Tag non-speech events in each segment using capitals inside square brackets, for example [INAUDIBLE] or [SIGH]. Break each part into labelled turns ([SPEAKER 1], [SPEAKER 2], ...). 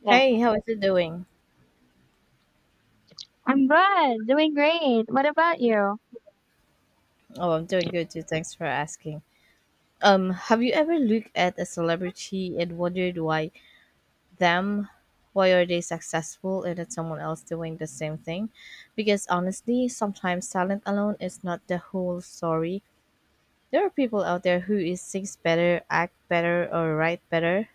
[SPEAKER 1] Yeah.
[SPEAKER 2] Hey, how is it doing?
[SPEAKER 1] I'm good, doing great. What about you?
[SPEAKER 2] Oh, I'm doing good too. Thanks for asking. Have you ever looked at a celebrity and wondered why them? Why are they successful and it's someone else doing the same thing? Because honestly, sometimes talent alone is not the whole story. There are people out there who is sings better, act better, or write better,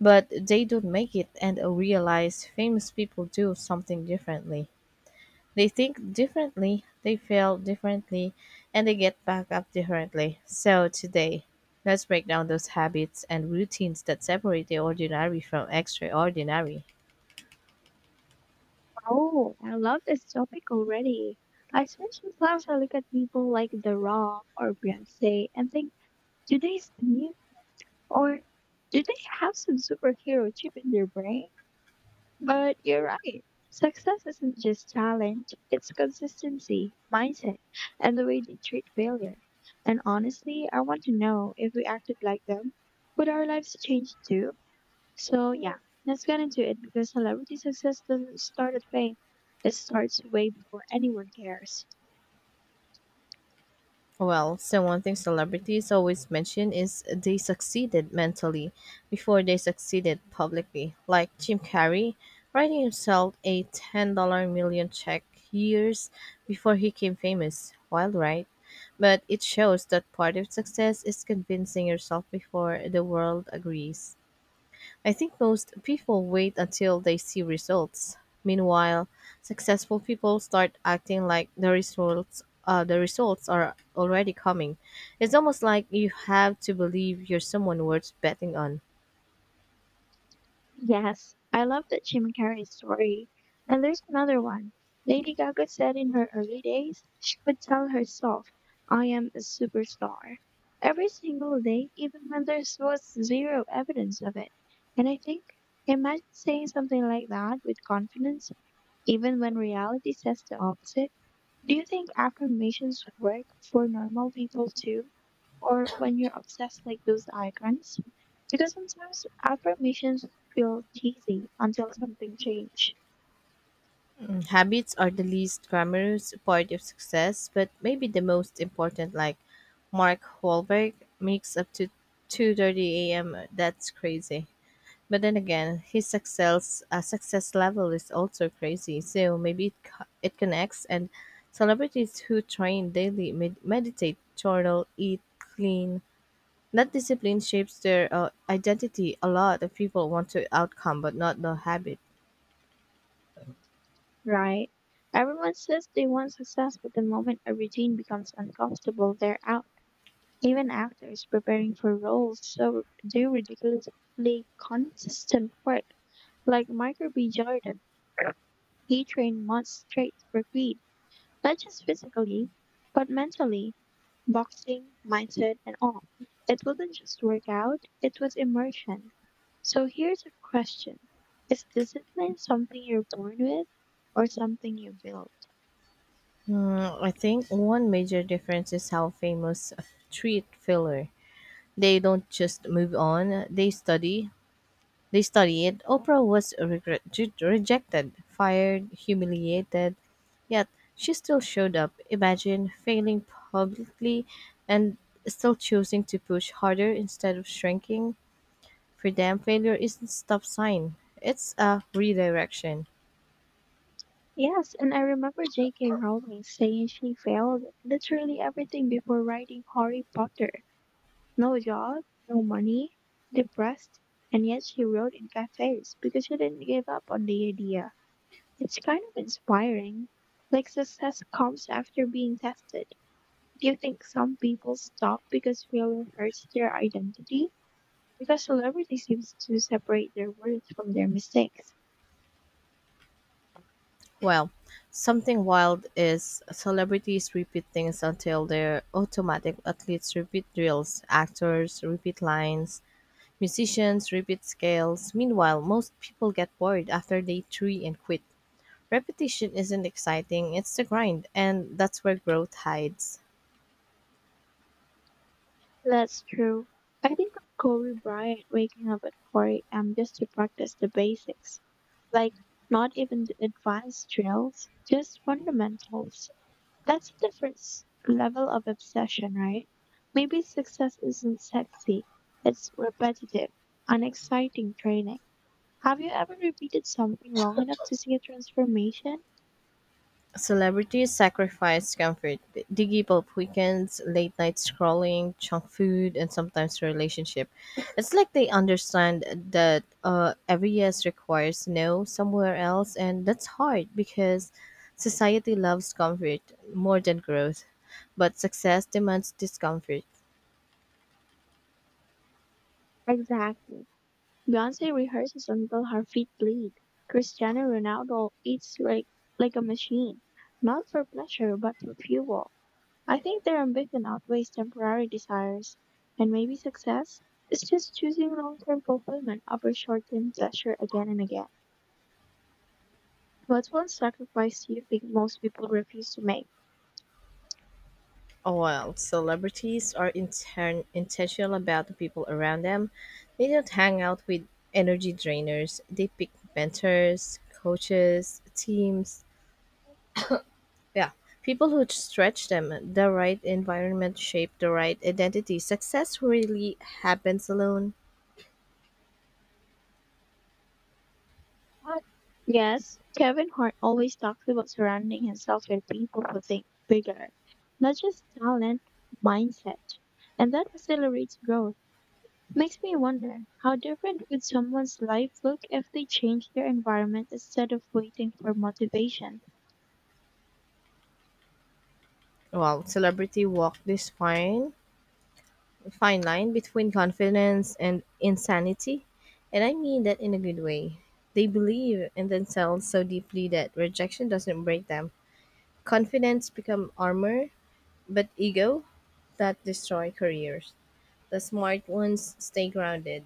[SPEAKER 2] but they don't make it and realize famous people do something differently. They think differently, they feel differently, and they get back up differently. So, today, let's break down those habits and routines that separate the ordinary from extraordinary.
[SPEAKER 1] Oh, I love this topic already. I swear sometimes I look at people like The Rock or Beyonce and think, do they sleep or do they have some superhero chip in their brain? But you're right. Success isn't just talent, it's consistency, mindset, and the way they treat failure. And honestly, I want to know if we acted like them, would our lives change too? So yeah, let's get into it because celebrity success doesn't start at fame. It starts way before anyone cares.
[SPEAKER 2] Well, so one thing celebrities always mention is they succeeded mentally before they succeeded publicly. Like Jim Carrey, writing himself a $10 million check years before he became famous. Wild, right? But it shows that part of success is convincing yourself before the world agrees. I think most people wait until they see results. Meanwhile, successful people start acting like the results are already coming. It's almost like you have to believe you're someone worth betting on.
[SPEAKER 1] Yes, I love that Jim Carrey story. And there's another one. Lady Gaga said in her early days, she could tell herself, I am a superstar. Every single day, even when there was zero evidence of it. And I think, imagine saying something like that with confidence, even when reality says the opposite. Do you think affirmations work for normal people too? Or when you're obsessed like those icons? Because sometimes affirmations feel cheesy until something changes,
[SPEAKER 2] Habits are the least glamorous part of success, but maybe the most important. Like Mark Wahlberg makes up to 2:30 a.m. That's crazy. But then again, his success level is also crazy. So maybe it connects and celebrities who train daily, meditate, journal, eat clean. That discipline shapes their identity. A lot of people want the outcome, but not the habit.
[SPEAKER 1] right? Everyone says they want success, but the moment a routine becomes uncomfortable, they're out. Even actors preparing for roles so do ridiculously consistent work. Like Michael B. Jordan, he trained months straight for Creed, not just physically, but mentally. Boxing, mindset, and all. It wasn't just workout, it was immersion. So here's a question: is discipline something you're born with or something you build?
[SPEAKER 2] I think one major difference is how famous treat filler. They don't just move on; they studied. Oprah was rejected, fired, humiliated, yet she still showed up. Imagine failing publicly and still choosing to push harder instead of shrinking. For them, failure isn't a stop sign. It's a redirection.
[SPEAKER 1] Yes, and I remember J.K. Rowling saying she failed literally everything before writing Harry Potter. No job, no money, depressed, and yet she wrote in cafes because she didn't give up on the idea. It's kind of inspiring. Like success comes after being tested. Do you think some people stop because failure hurts their identity? Because celebrity seems to separate their worth from their mistakes.
[SPEAKER 2] Well, something wild is celebrities repeat things until they're automatic. Athletes repeat drills, actors repeat lines, musicians repeat scales, meanwhile most people get bored after day three and quit. Repetition isn't exciting, it's the grind, and that's where growth hides.
[SPEAKER 1] That's true. I think of Kobe Bryant waking up at 4 a.m. just to practice the basics, like not even the advanced drills, just fundamentals. That's a different level of obsession, right? Maybe success isn't sexy, it's repetitive, unexciting training. Have you ever repeated something long enough to see a transformation?
[SPEAKER 2] Celebrities sacrifice comfort, diggy pulp weekends, late night scrolling, junk food, and sometimes relationship. It's like they understand that every yes requires no somewhere else, and that's hard because society loves comfort more than growth, but success demands discomfort.
[SPEAKER 1] Exactly. Beyonce rehearses until her feet bleed. Cristiano Ronaldo eats like a machine, not for pleasure, but for fuel. I think their ambition outweighs temporary desires. And maybe success is just choosing long term fulfillment over short term pleasure again and again. What's one sacrifice you think most people refuse to make?
[SPEAKER 2] Oh, well, celebrities are intentional about the people around them. They don't hang out with energy drainers. They pick mentors, coaches, teams. Yeah, people who stretch them. The right environment shape the right identity. Success really happens alone.
[SPEAKER 1] But yes, Kevin Hart always talks about surrounding himself with people who think bigger, not just talent, mindset. And that accelerates growth. Makes me wonder how different would someone's life look if they changed their environment instead of waiting for motivation?
[SPEAKER 2] Well, celebrity walk this fine line between confidence and insanity. And I mean that in a good way. They believe in themselves so deeply that rejection doesn't break them. Confidence become armor, but ego that destroy careers. The smart ones stay grounded.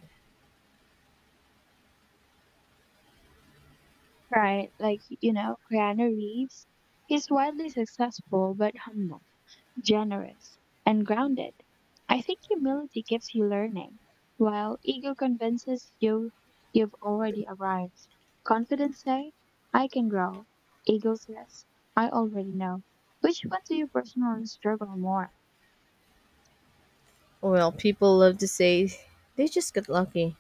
[SPEAKER 1] Right, like, you know, Keanu Reeves. He's wildly successful, but humble, generous, and grounded. I think humility gives you learning, while ego convinces you you've already arrived. Confidence say, I can grow. Ego says, I already know. Which one do you personally struggle more?
[SPEAKER 2] Well, people love to say they just got lucky.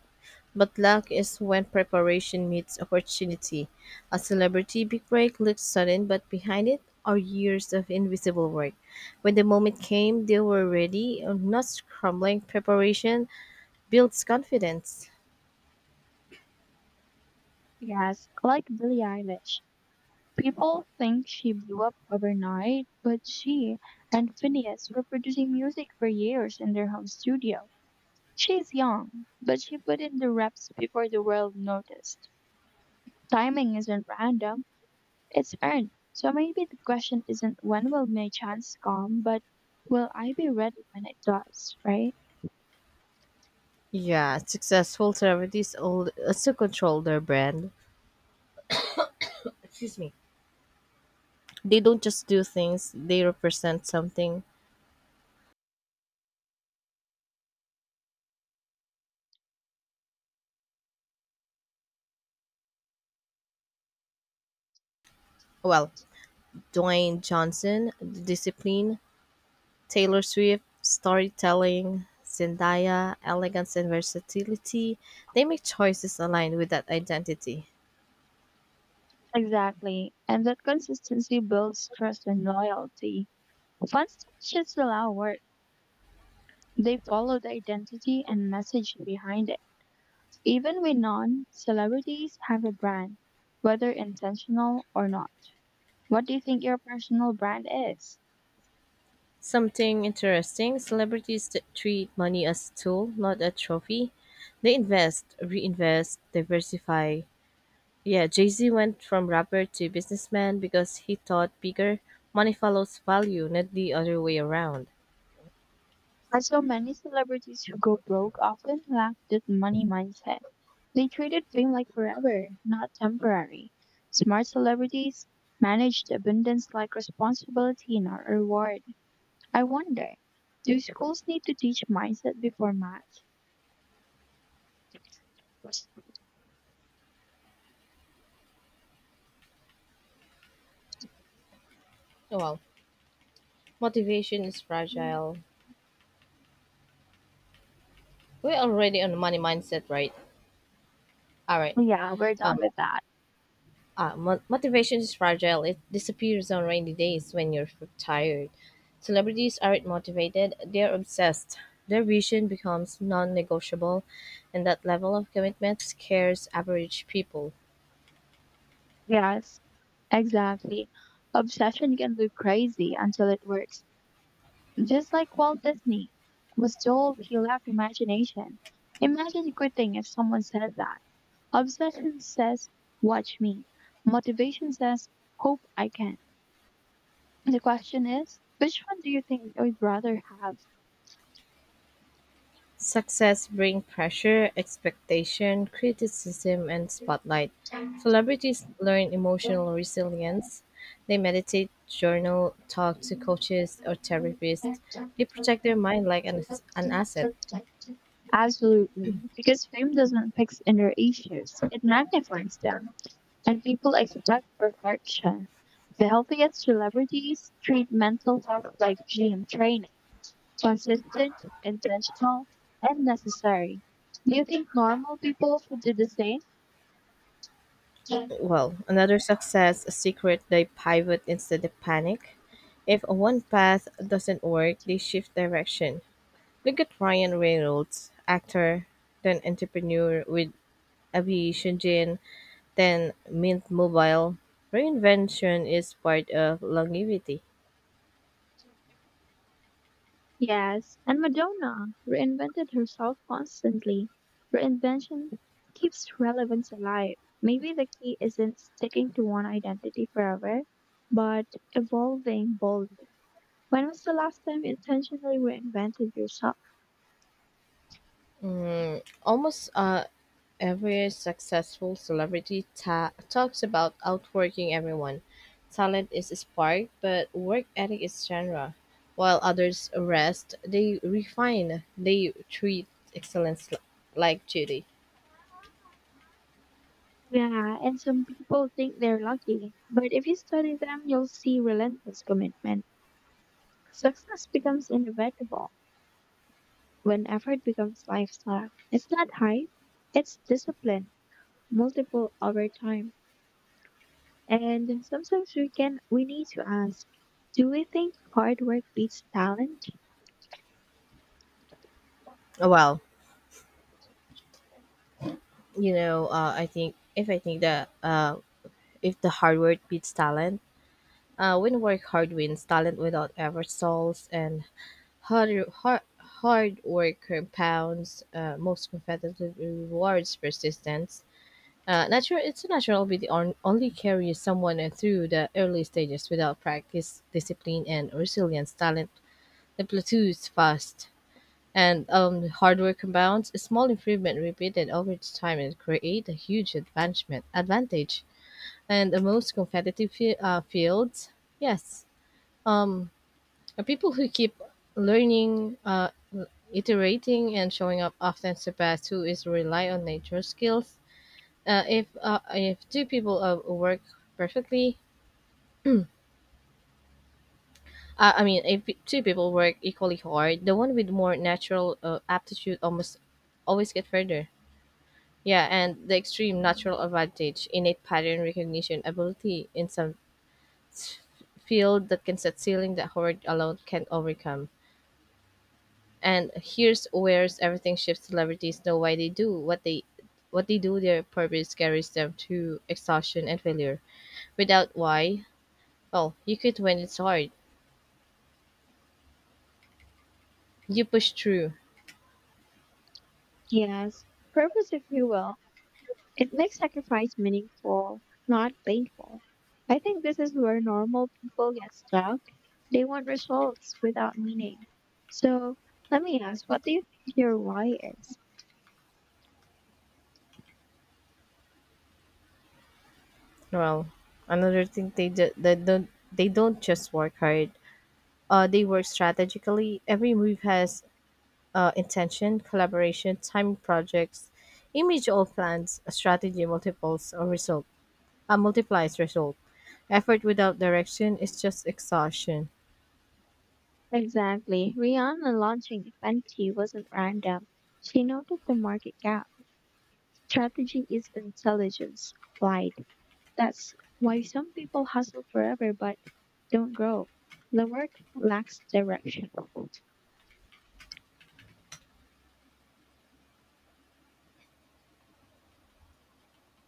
[SPEAKER 2] But luck is when preparation meets opportunity. A celebrity big break looks sudden, but behind it are years of invisible work. When the moment came, they were ready, not scrambling. Preparation builds confidence.
[SPEAKER 1] Yes, like Billie Eilish. People think she blew up overnight, but she and Phineas were producing music for years in their home studio. She's young, but she put in the reps before the world noticed. Timing isn't random, it's earned. So maybe the question isn't when will my chance come, but will I be ready when it does, right?
[SPEAKER 2] Yeah, successful celebrities also control their brand. Excuse me. They don't just do things, they represent something. Well, Dwayne Johnson, the discipline, Taylor Swift, storytelling, Zendaya, elegance and versatility, they make choices aligned with that identity.
[SPEAKER 1] Exactly. And that consistency builds trust and loyalty. Fun stuff just allow work. They follow the identity and message behind it. Even with non celebrities have a brand, whether intentional or not. What do you think your personal brand is?
[SPEAKER 2] Something interesting celebrities that treat money as a tool, not a trophy. They invest, reinvest, diversify. Yeah, Jay Z went from rapper to businessman because he thought bigger. Money follows value, not the other way around.
[SPEAKER 1] I saw many celebrities who go broke often lack that money mindset. They treated fame like forever, not temporary. Smart celebrities managed abundance like responsibility, not reward. I wonder, do schools need to teach mindset before math?
[SPEAKER 2] Oh, well, motivation is fragile. We're already on the money mindset, right? All right.
[SPEAKER 1] Yeah, we're done
[SPEAKER 2] Um,
[SPEAKER 1] with that.
[SPEAKER 2] Motivation is fragile. It disappears on rainy days when you're tired. Celebrities aren't motivated, they're obsessed. Their vision becomes non negotiable, and that level of commitment scares average people.
[SPEAKER 1] Yes, exactly. Obsession can look crazy until it works. Just like Walt Disney was told he lacked imagination. Imagine quitting if someone said that. Obsession says, watch me. Motivation says, hope I can. The question is, which one do you think you would rather
[SPEAKER 2] Success brings pressure, expectation, criticism, and spotlight. Celebrities learn emotional resilience. They meditate, journal, talk to coaches or therapists.
[SPEAKER 1] have?
[SPEAKER 2] They protect their mind like an asset.
[SPEAKER 1] Absolutely, because fame doesn't fix inner issues, it magnifies them, and people expect perfection. The healthiest celebrities treat mental health like gym training, consistent, intentional, and necessary. Do you think normal people should do the same?
[SPEAKER 2] Well, another success secret they pivot instead of panic. If one path doesn't work, they shift direction. Look at Ryan Reynolds, actor, then entrepreneur with aviation gin, then Mint Mobile. Reinvention is part of longevity.
[SPEAKER 1] Yes, and Madonna reinvented herself constantly. Reinvention keeps relevance alive. Maybe the key isn't sticking to one identity forever, but evolving boldly. When was the last time you intentionally reinvented yourself?
[SPEAKER 2] Mm, almost every successful celebrity talks about outworking everyone. Talent is a spark, but work ethic is genre. While others rest, they refine. They treat excellence like duty.
[SPEAKER 1] Yeah, and some people think they're lucky, but if you study them, you'll see relentless commitment. Success becomes inevitable when effort becomes lifestyle. It's not hype, it's discipline, multiple over time. And sometimes we need to ask, do we think hard work beats talent?
[SPEAKER 2] Well, you know, I think if I think that if the hard work beats talent, when work hard wins, talent without ever stalls and hard work compounds most competitive rewards persistence. Natural, it's a natural will be the only carry someone through the early stages without practice, discipline, and resilience. Talent the plateaus fast, and hard work compounds a small improvement repeated over time and create a huge advancement advantage. And the most competitive fields, yes, um, are people who keep learning iterating and showing up often surpass who is rely on nature skills. If two people work perfectly, I mean, if two people work equally hard, the one with more natural aptitude almost always get further. Yeah, and the extreme natural advantage, innate pattern recognition ability in some s- field that can set ceiling that hard alone can overcome. And here's where's everything shifts. Celebrities know why they do what they do. Their purpose carries them to exhaustion and failure. Without why, well, you quit when it's hard. You push through.
[SPEAKER 1] Yes, purpose if you will. It makes sacrifice meaningful, not painful. I think this is where normal people get stuck. They want results without meaning. So let me ask, what do you think your why is?
[SPEAKER 2] Well, another thing they do, they don't just work hard. They work strategically. Every move has intention, collaboration, timing projects, image all plans, a strategy multiplies result. Effort without direction is just exhaustion.
[SPEAKER 1] Exactly. Rihanna launching Fenty wasn't random. She noted the market gap. Strategy is intelligence applied. That's why some people hustle forever but don't grow. The work lacks direction.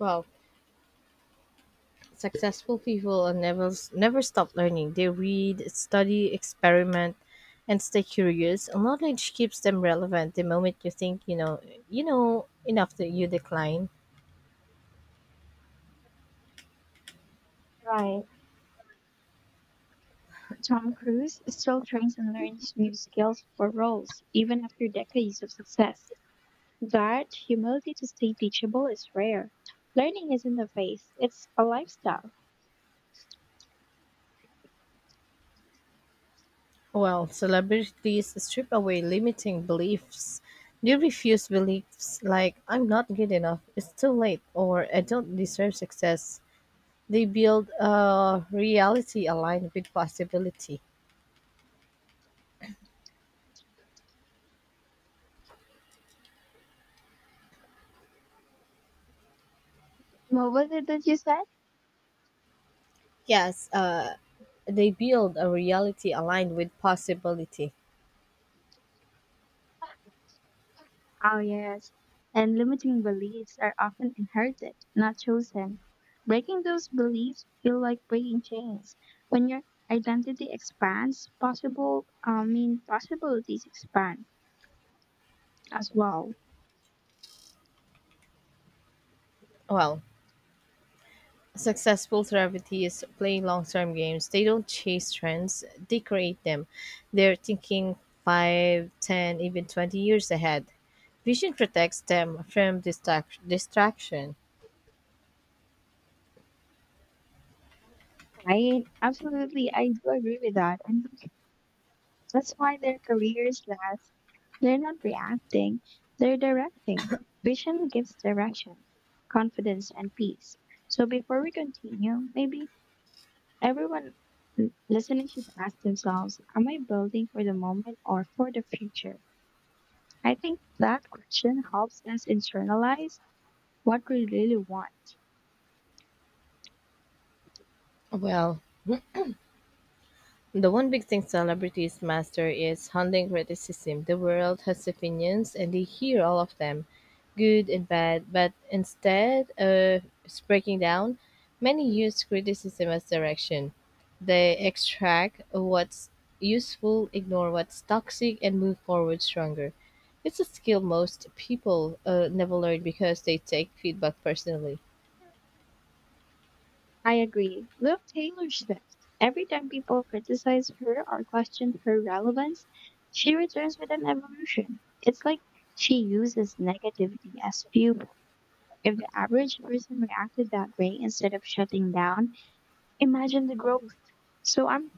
[SPEAKER 2] Well, successful people are never stop learning. They read, study, experiment, and stay curious. And knowledge keeps them relevant. The moment you think you know enough that you decline.
[SPEAKER 1] Right. Tom Cruise still trains and learns new skills for roles, even after decades of success. That humility to stay teachable is rare. Learning isn't a phase, it's a lifestyle.
[SPEAKER 2] Well, celebrities strip away limiting beliefs. They refuse beliefs like "I'm not good enough," "It's too late," or "I don't deserve success." They build a reality aligned with possibility.
[SPEAKER 1] Well, what did you say?
[SPEAKER 2] Yes, they build a reality aligned with possibility.
[SPEAKER 1] Oh, yes. And limiting beliefs are often inherited, not chosen. Breaking those beliefs feel like breaking chains. When your identity expands, possibilities expand as well.
[SPEAKER 2] Well, successful therapy is playing long term games. They don't chase trends, they create them. They're thinking 5, 10, even 20 years ahead. Vision protects them from distraction.
[SPEAKER 1] Right? Absolutely. I do agree with that. And that's why their careers last. They're not reacting, they're directing. Vision gives direction, confidence, and peace. So before we continue, maybe everyone listening should ask themselves, am I building for the moment or for the future? I think that question helps us internalize what we really want.
[SPEAKER 2] Well, the one big thing celebrities master is handling criticism. The world has opinions and they hear all of them, good and bad, but instead of breaking down, many use criticism as direction. They extract what's useful, ignore what's toxic, and move forward stronger. It's a skill most people never learn because they take feedback personally.
[SPEAKER 1] I agree. Look, Taylor Swift. Every time people criticize her or question her relevance, she returns with an evolution. It's like she uses negativity as fuel. If the average person reacted that way instead of shutting down, imagine the growth. So I'm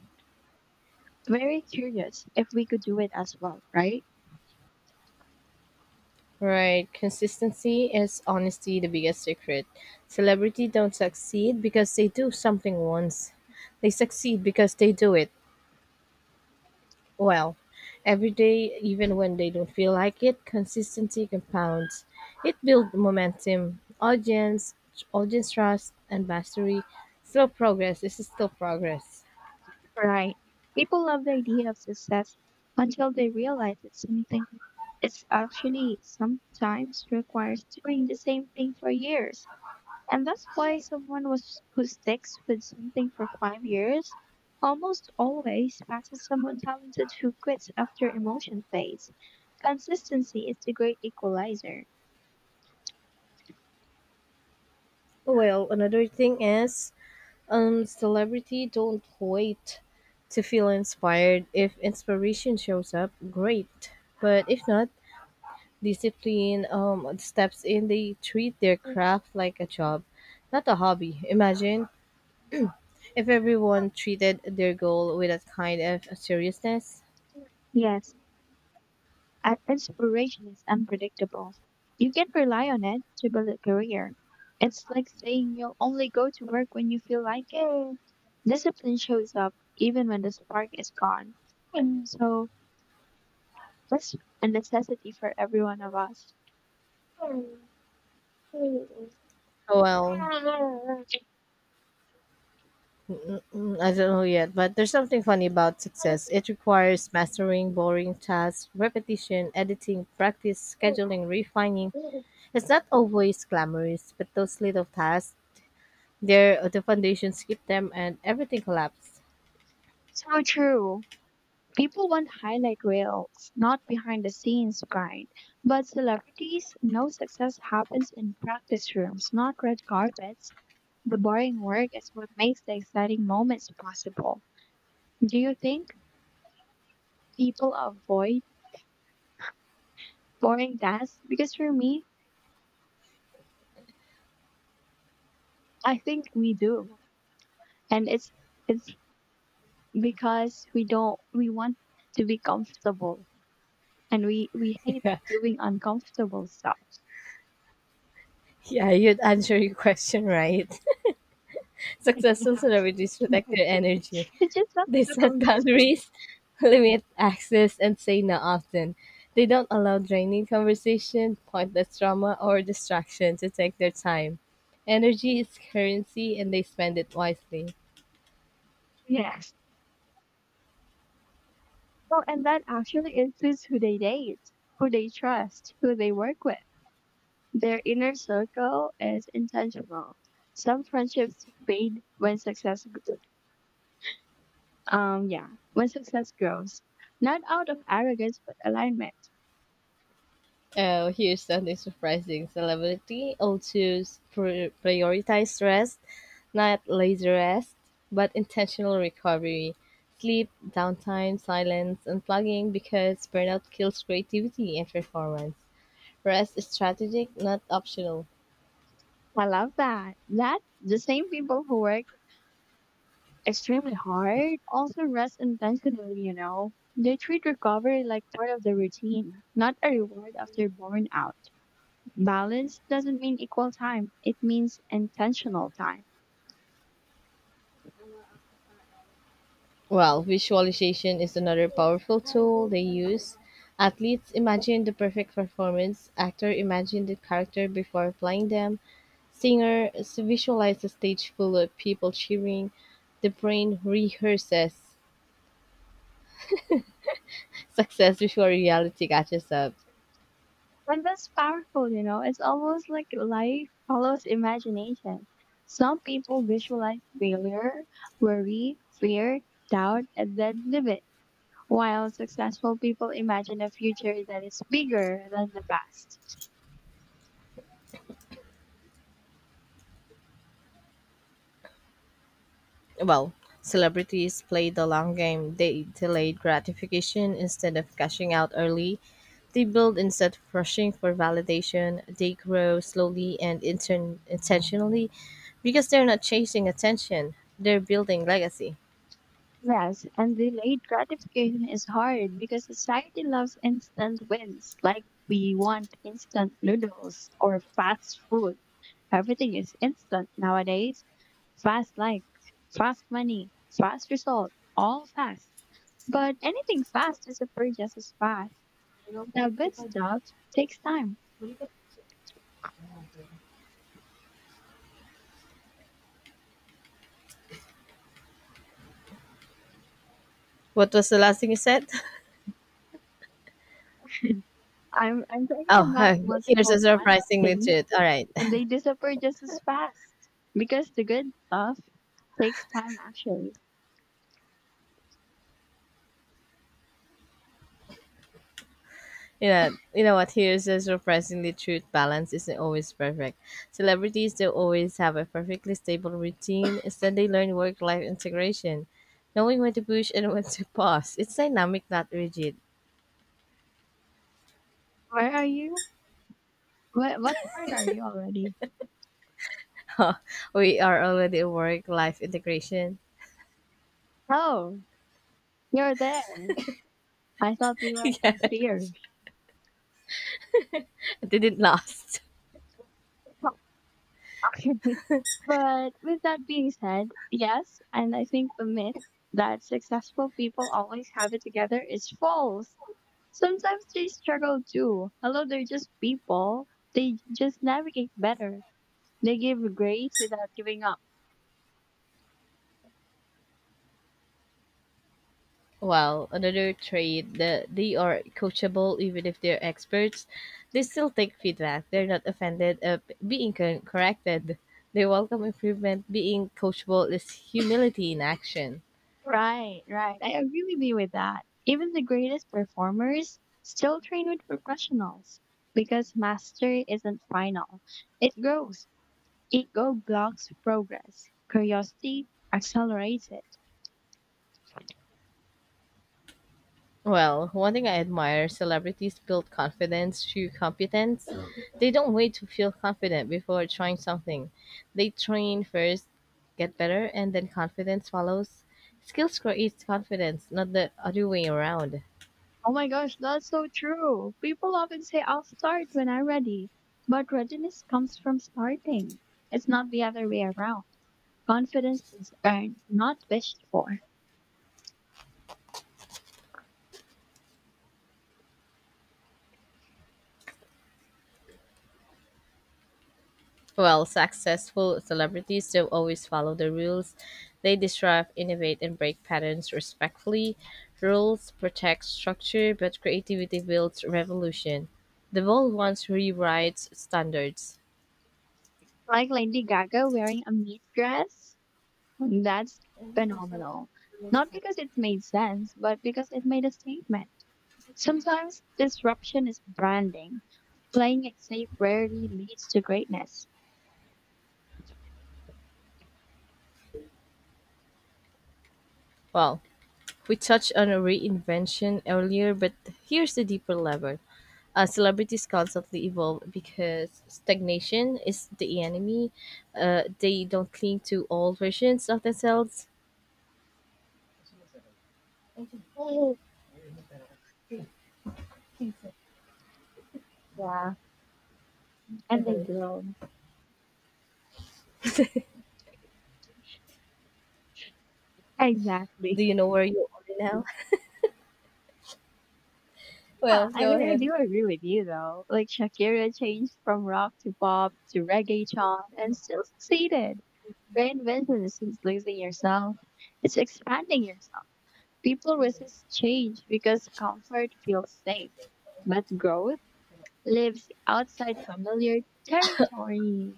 [SPEAKER 1] very curious if we could do it as well, right?
[SPEAKER 2] Right. Consistency is honestly the biggest secret. Celebrity don't succeed because they do something once. They succeed because they do it well. Every day, even when they don't feel like it, consistency compounds. It builds momentum, audience trust, and mastery. Slow progress. This is still progress.
[SPEAKER 1] Right. People love the idea of success until they realize that something is actually sometimes requires doing the same thing for years. And that's why who sticks with something for 5 years almost always passes someone talented who quits after emotion fades. Consistency is the great equalizer.
[SPEAKER 2] Well, another thing is celebrity don't wait to feel inspired. If inspiration shows up, great. But if not, discipline steps in. They treat their craft like a job, not a hobby. Imagine if everyone treated their goal with that kind of seriousness.
[SPEAKER 1] Yes, our inspiration is unpredictable. You can rely on it to build a career. It's like saying you'll only go to work when you feel like it. Discipline shows up even when the spark is gone. So that's a necessity for every one of us.
[SPEAKER 2] Well, I don't know yet, but there's something funny about success. It requires mastering boring tasks, repetition, editing, practice, scheduling, refining. It's not always glamorous, but those little tasks, they're the foundations keep them and everything collapses.
[SPEAKER 1] So true. People want highlight reels, not behind the scenes grind. But celebrities, no success happens in practice rooms, not red carpets. The boring work is what makes the exciting moments possible. Do you think people avoid boring tasks? Because for me, I think we do. And it's because we don't we want to be comfortable and we
[SPEAKER 2] [LAUGHS]
[SPEAKER 1] hate
[SPEAKER 2] Yeah,
[SPEAKER 1] doing uncomfortable stuff.
[SPEAKER 2] yeah, you'd answer your question right. [LAUGHS]
[SPEAKER 1] [LAUGHS]
[SPEAKER 2] Successful celebrities
[SPEAKER 1] Yeah.
[SPEAKER 2] protect
[SPEAKER 1] [LAUGHS]
[SPEAKER 2] their energy.
[SPEAKER 1] It's just not
[SPEAKER 2] They
[SPEAKER 1] so
[SPEAKER 2] set
[SPEAKER 1] convincing.
[SPEAKER 2] boundaries, [LAUGHS] limit access, and say no often. They don't allow draining conversation, pointless drama, or distraction to take their time. Energy is currency and they spend it wisely.
[SPEAKER 1] Yes. Oh, and that actually includes who they date, who they trust, who they work with. Their inner circle is intentional. Some friendships fade when when success grows, not out of arrogance but alignment.
[SPEAKER 2] Oh, here's something surprising. Celebrity also prioritize rest, not lazy rest, but intentional recovery, sleep, downtime, silence, unplugging because burnout kills creativity and performance. Rest is strategic, not optional.
[SPEAKER 1] I love that. That the same people who work extremely hard also rest intentionally. You know, they treat recovery like part of the routine, not a reward after burnout. Balance doesn't mean equal time; it means intentional time.
[SPEAKER 2] Well, visualization is another powerful tool they use. Athletes imagine the perfect performance, actor imagine the character before playing them, singer visualize a stage full of people cheering, the brain rehearses success before reality catches up.
[SPEAKER 1] And that's powerful, you know. It's almost like life follows imagination. Some people visualize failure, worry, fear, doubt, and then live it, while successful people imagine a future that is bigger than the past.
[SPEAKER 2] Well, celebrities play the long game. They delay gratification instead of cashing out early. They build instead of rushing for validation. They grow slowly and intentionally because they're not chasing attention. They're building legacy.
[SPEAKER 1] Yes, and delayed gratification is hard because society loves instant wins. Like we want instant noodles or fast food. Everything is instant nowadays. Fast likes, fast money, fast result, all fast. But anything fast disappears just as fast. Now good stuff takes time.
[SPEAKER 2] What was the last thing you said? [LAUGHS]
[SPEAKER 1] I'm talking
[SPEAKER 2] Oh,
[SPEAKER 1] about
[SPEAKER 2] [LAUGHS] here's
[SPEAKER 1] multiple
[SPEAKER 2] a
[SPEAKER 1] fast
[SPEAKER 2] surprisingly
[SPEAKER 1] things
[SPEAKER 2] truth. All right.
[SPEAKER 1] and they disappear just as fast. Because the good stuff takes time actually.
[SPEAKER 2] You know what? Here's the surprisingly truth balance isn't always perfect. Celebrities don't always have a perfectly stable routine. Instead, they learn work life integration, knowing when to push and when to pause. It's dynamic, not rigid.
[SPEAKER 1] Where are you? What part are you already?
[SPEAKER 2] [LAUGHS] We are already a work life integration.
[SPEAKER 1] Oh, you're there. I thought we
[SPEAKER 2] [LAUGHS]
[SPEAKER 1] were
[SPEAKER 2] Yeah,
[SPEAKER 1] in fear.
[SPEAKER 2] didn't last.
[SPEAKER 1] Oh, okay. [LAUGHS] But with that being said, yes, and I think the myth that successful people always have it together is false. Sometimes they struggle too. Although they're just people, they just navigate better. They give grace without giving up.
[SPEAKER 2] Well, another trait that they are coachable even if they're experts. They still take feedback. They're not offended at being corrected. They welcome improvement. Being coachable is humility in action.
[SPEAKER 1] Right. I agree with you with that. Even the greatest performers still train with professionals because mastery isn't final. It grows. Ego blocks progress. Curiosity accelerates it.
[SPEAKER 2] Well, one thing I admire celebrities build confidence through competence. They don't wait to feel confident before trying something. They train first, get better, and then confidence follows. Skills creates confidence, not the other way around.
[SPEAKER 1] Oh my gosh, that's so true. People often say, I'll start when I'm ready. But readiness comes from starting. It's not the other way around. Confidence is earned, not wished for.
[SPEAKER 2] Well, successful celebrities do not always follow the rules. They disrupt, innovate, and break patterns respectfully. Rules protect structure, but creativity builds revolution. The bold ones rewrites standards.
[SPEAKER 1] Like Lady Gaga wearing a meat dress, that's phenomenal. Not because it made sense, but because it made a statement. Sometimes disruption is branding. Playing it safe rarely leads to greatness.
[SPEAKER 2] Well, we touched on a reinvention earlier, but here's the deeper level. Celebrities constantly evolve because stagnation is the enemy. They don't cling to old versions of themselves.
[SPEAKER 1] Oh, Yeah, Yeah, and they grow. Exactly.
[SPEAKER 2] Do you know where you are now?
[SPEAKER 1] Yeah,
[SPEAKER 2] Well,
[SPEAKER 1] I
[SPEAKER 2] go
[SPEAKER 1] mean, I
[SPEAKER 2] ahead.
[SPEAKER 1] do agree with you though. Like Shakira changed from rock to pop to reggae chant and still succeeded. Reinvention isn't losing yourself; it's expanding yourself. People resist change because comfort feels safe, but growth lives outside familiar territory.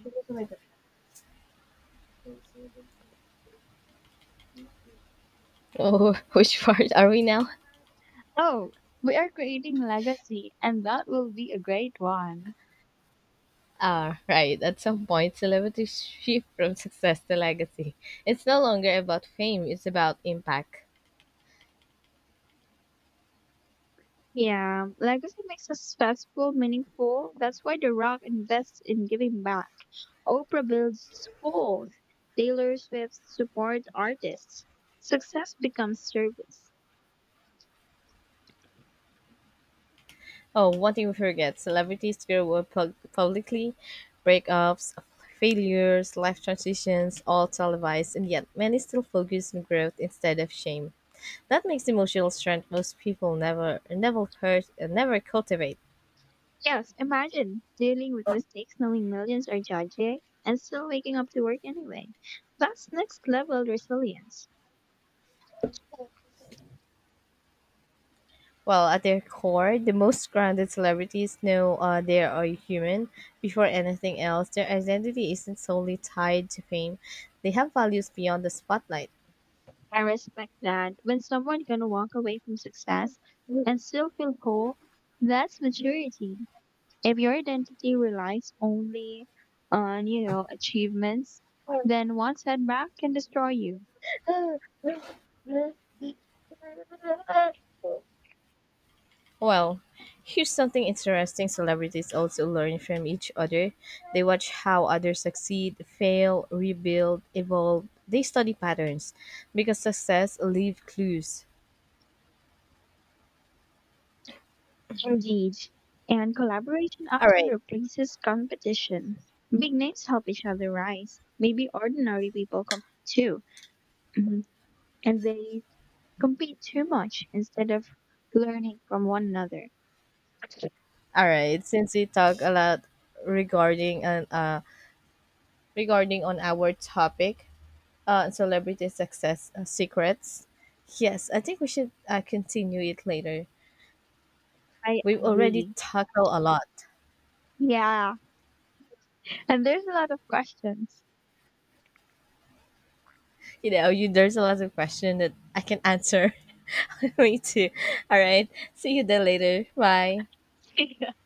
[SPEAKER 2] Oh, [LAUGHS] which part are we now?
[SPEAKER 1] Oh, we are creating legacy, and that will be a great one.
[SPEAKER 2] Ah, right. At some point, celebrities shift from success to legacy. It's no longer about fame, it's about impact.
[SPEAKER 1] Yeah, legacy makes us successful, meaningful. That's why The Rock invests in giving back. Oprah builds schools. Taylor Swift supports artists. Success becomes service.
[SPEAKER 2] Oh, one thing we forget celebrities grow up publicly, breakups, failures, life transitions, all televised, and yet many still focus on growth instead of shame. That makes emotional strength most people never cultivate.
[SPEAKER 1] Yes, imagine dealing with mistakes knowing millions are judging and still waking up to work anyway. That's next level resilience.
[SPEAKER 2] Well, at their core, the most grounded celebrities know they are human. Before anything else, their identity isn't solely tied to fame. They have values beyond the spotlight.
[SPEAKER 1] I respect that. When someone can walk away from success and still feel whole, that's maturity. If your identity relies only on, you know, achievements, then one setback can destroy you.
[SPEAKER 2] Well, here's something interesting celebrities also learn from each other. They watch how others succeed, fail, rebuild, evolve. They study patterns because success leaves clues.
[SPEAKER 1] Indeed. And collaboration
[SPEAKER 2] All
[SPEAKER 1] often
[SPEAKER 2] right.
[SPEAKER 1] replaces competition. Big names help each other rise. Maybe ordinary people compete too, mhm, and they compete too much instead of learning from one another.
[SPEAKER 2] All right. Since we talk a lot regarding an uh regarding on our topic, celebrity success secrets. Yes, I think we should continue it later.
[SPEAKER 1] I
[SPEAKER 2] We've already
[SPEAKER 1] agree.
[SPEAKER 2] tackled a lot.
[SPEAKER 1] Yeah. And there's a lot of questions.
[SPEAKER 2] You know, you there's a lot of question that I can answer. [LAUGHS] Me too. All right. See you then later. Bye.
[SPEAKER 1] [LAUGHS]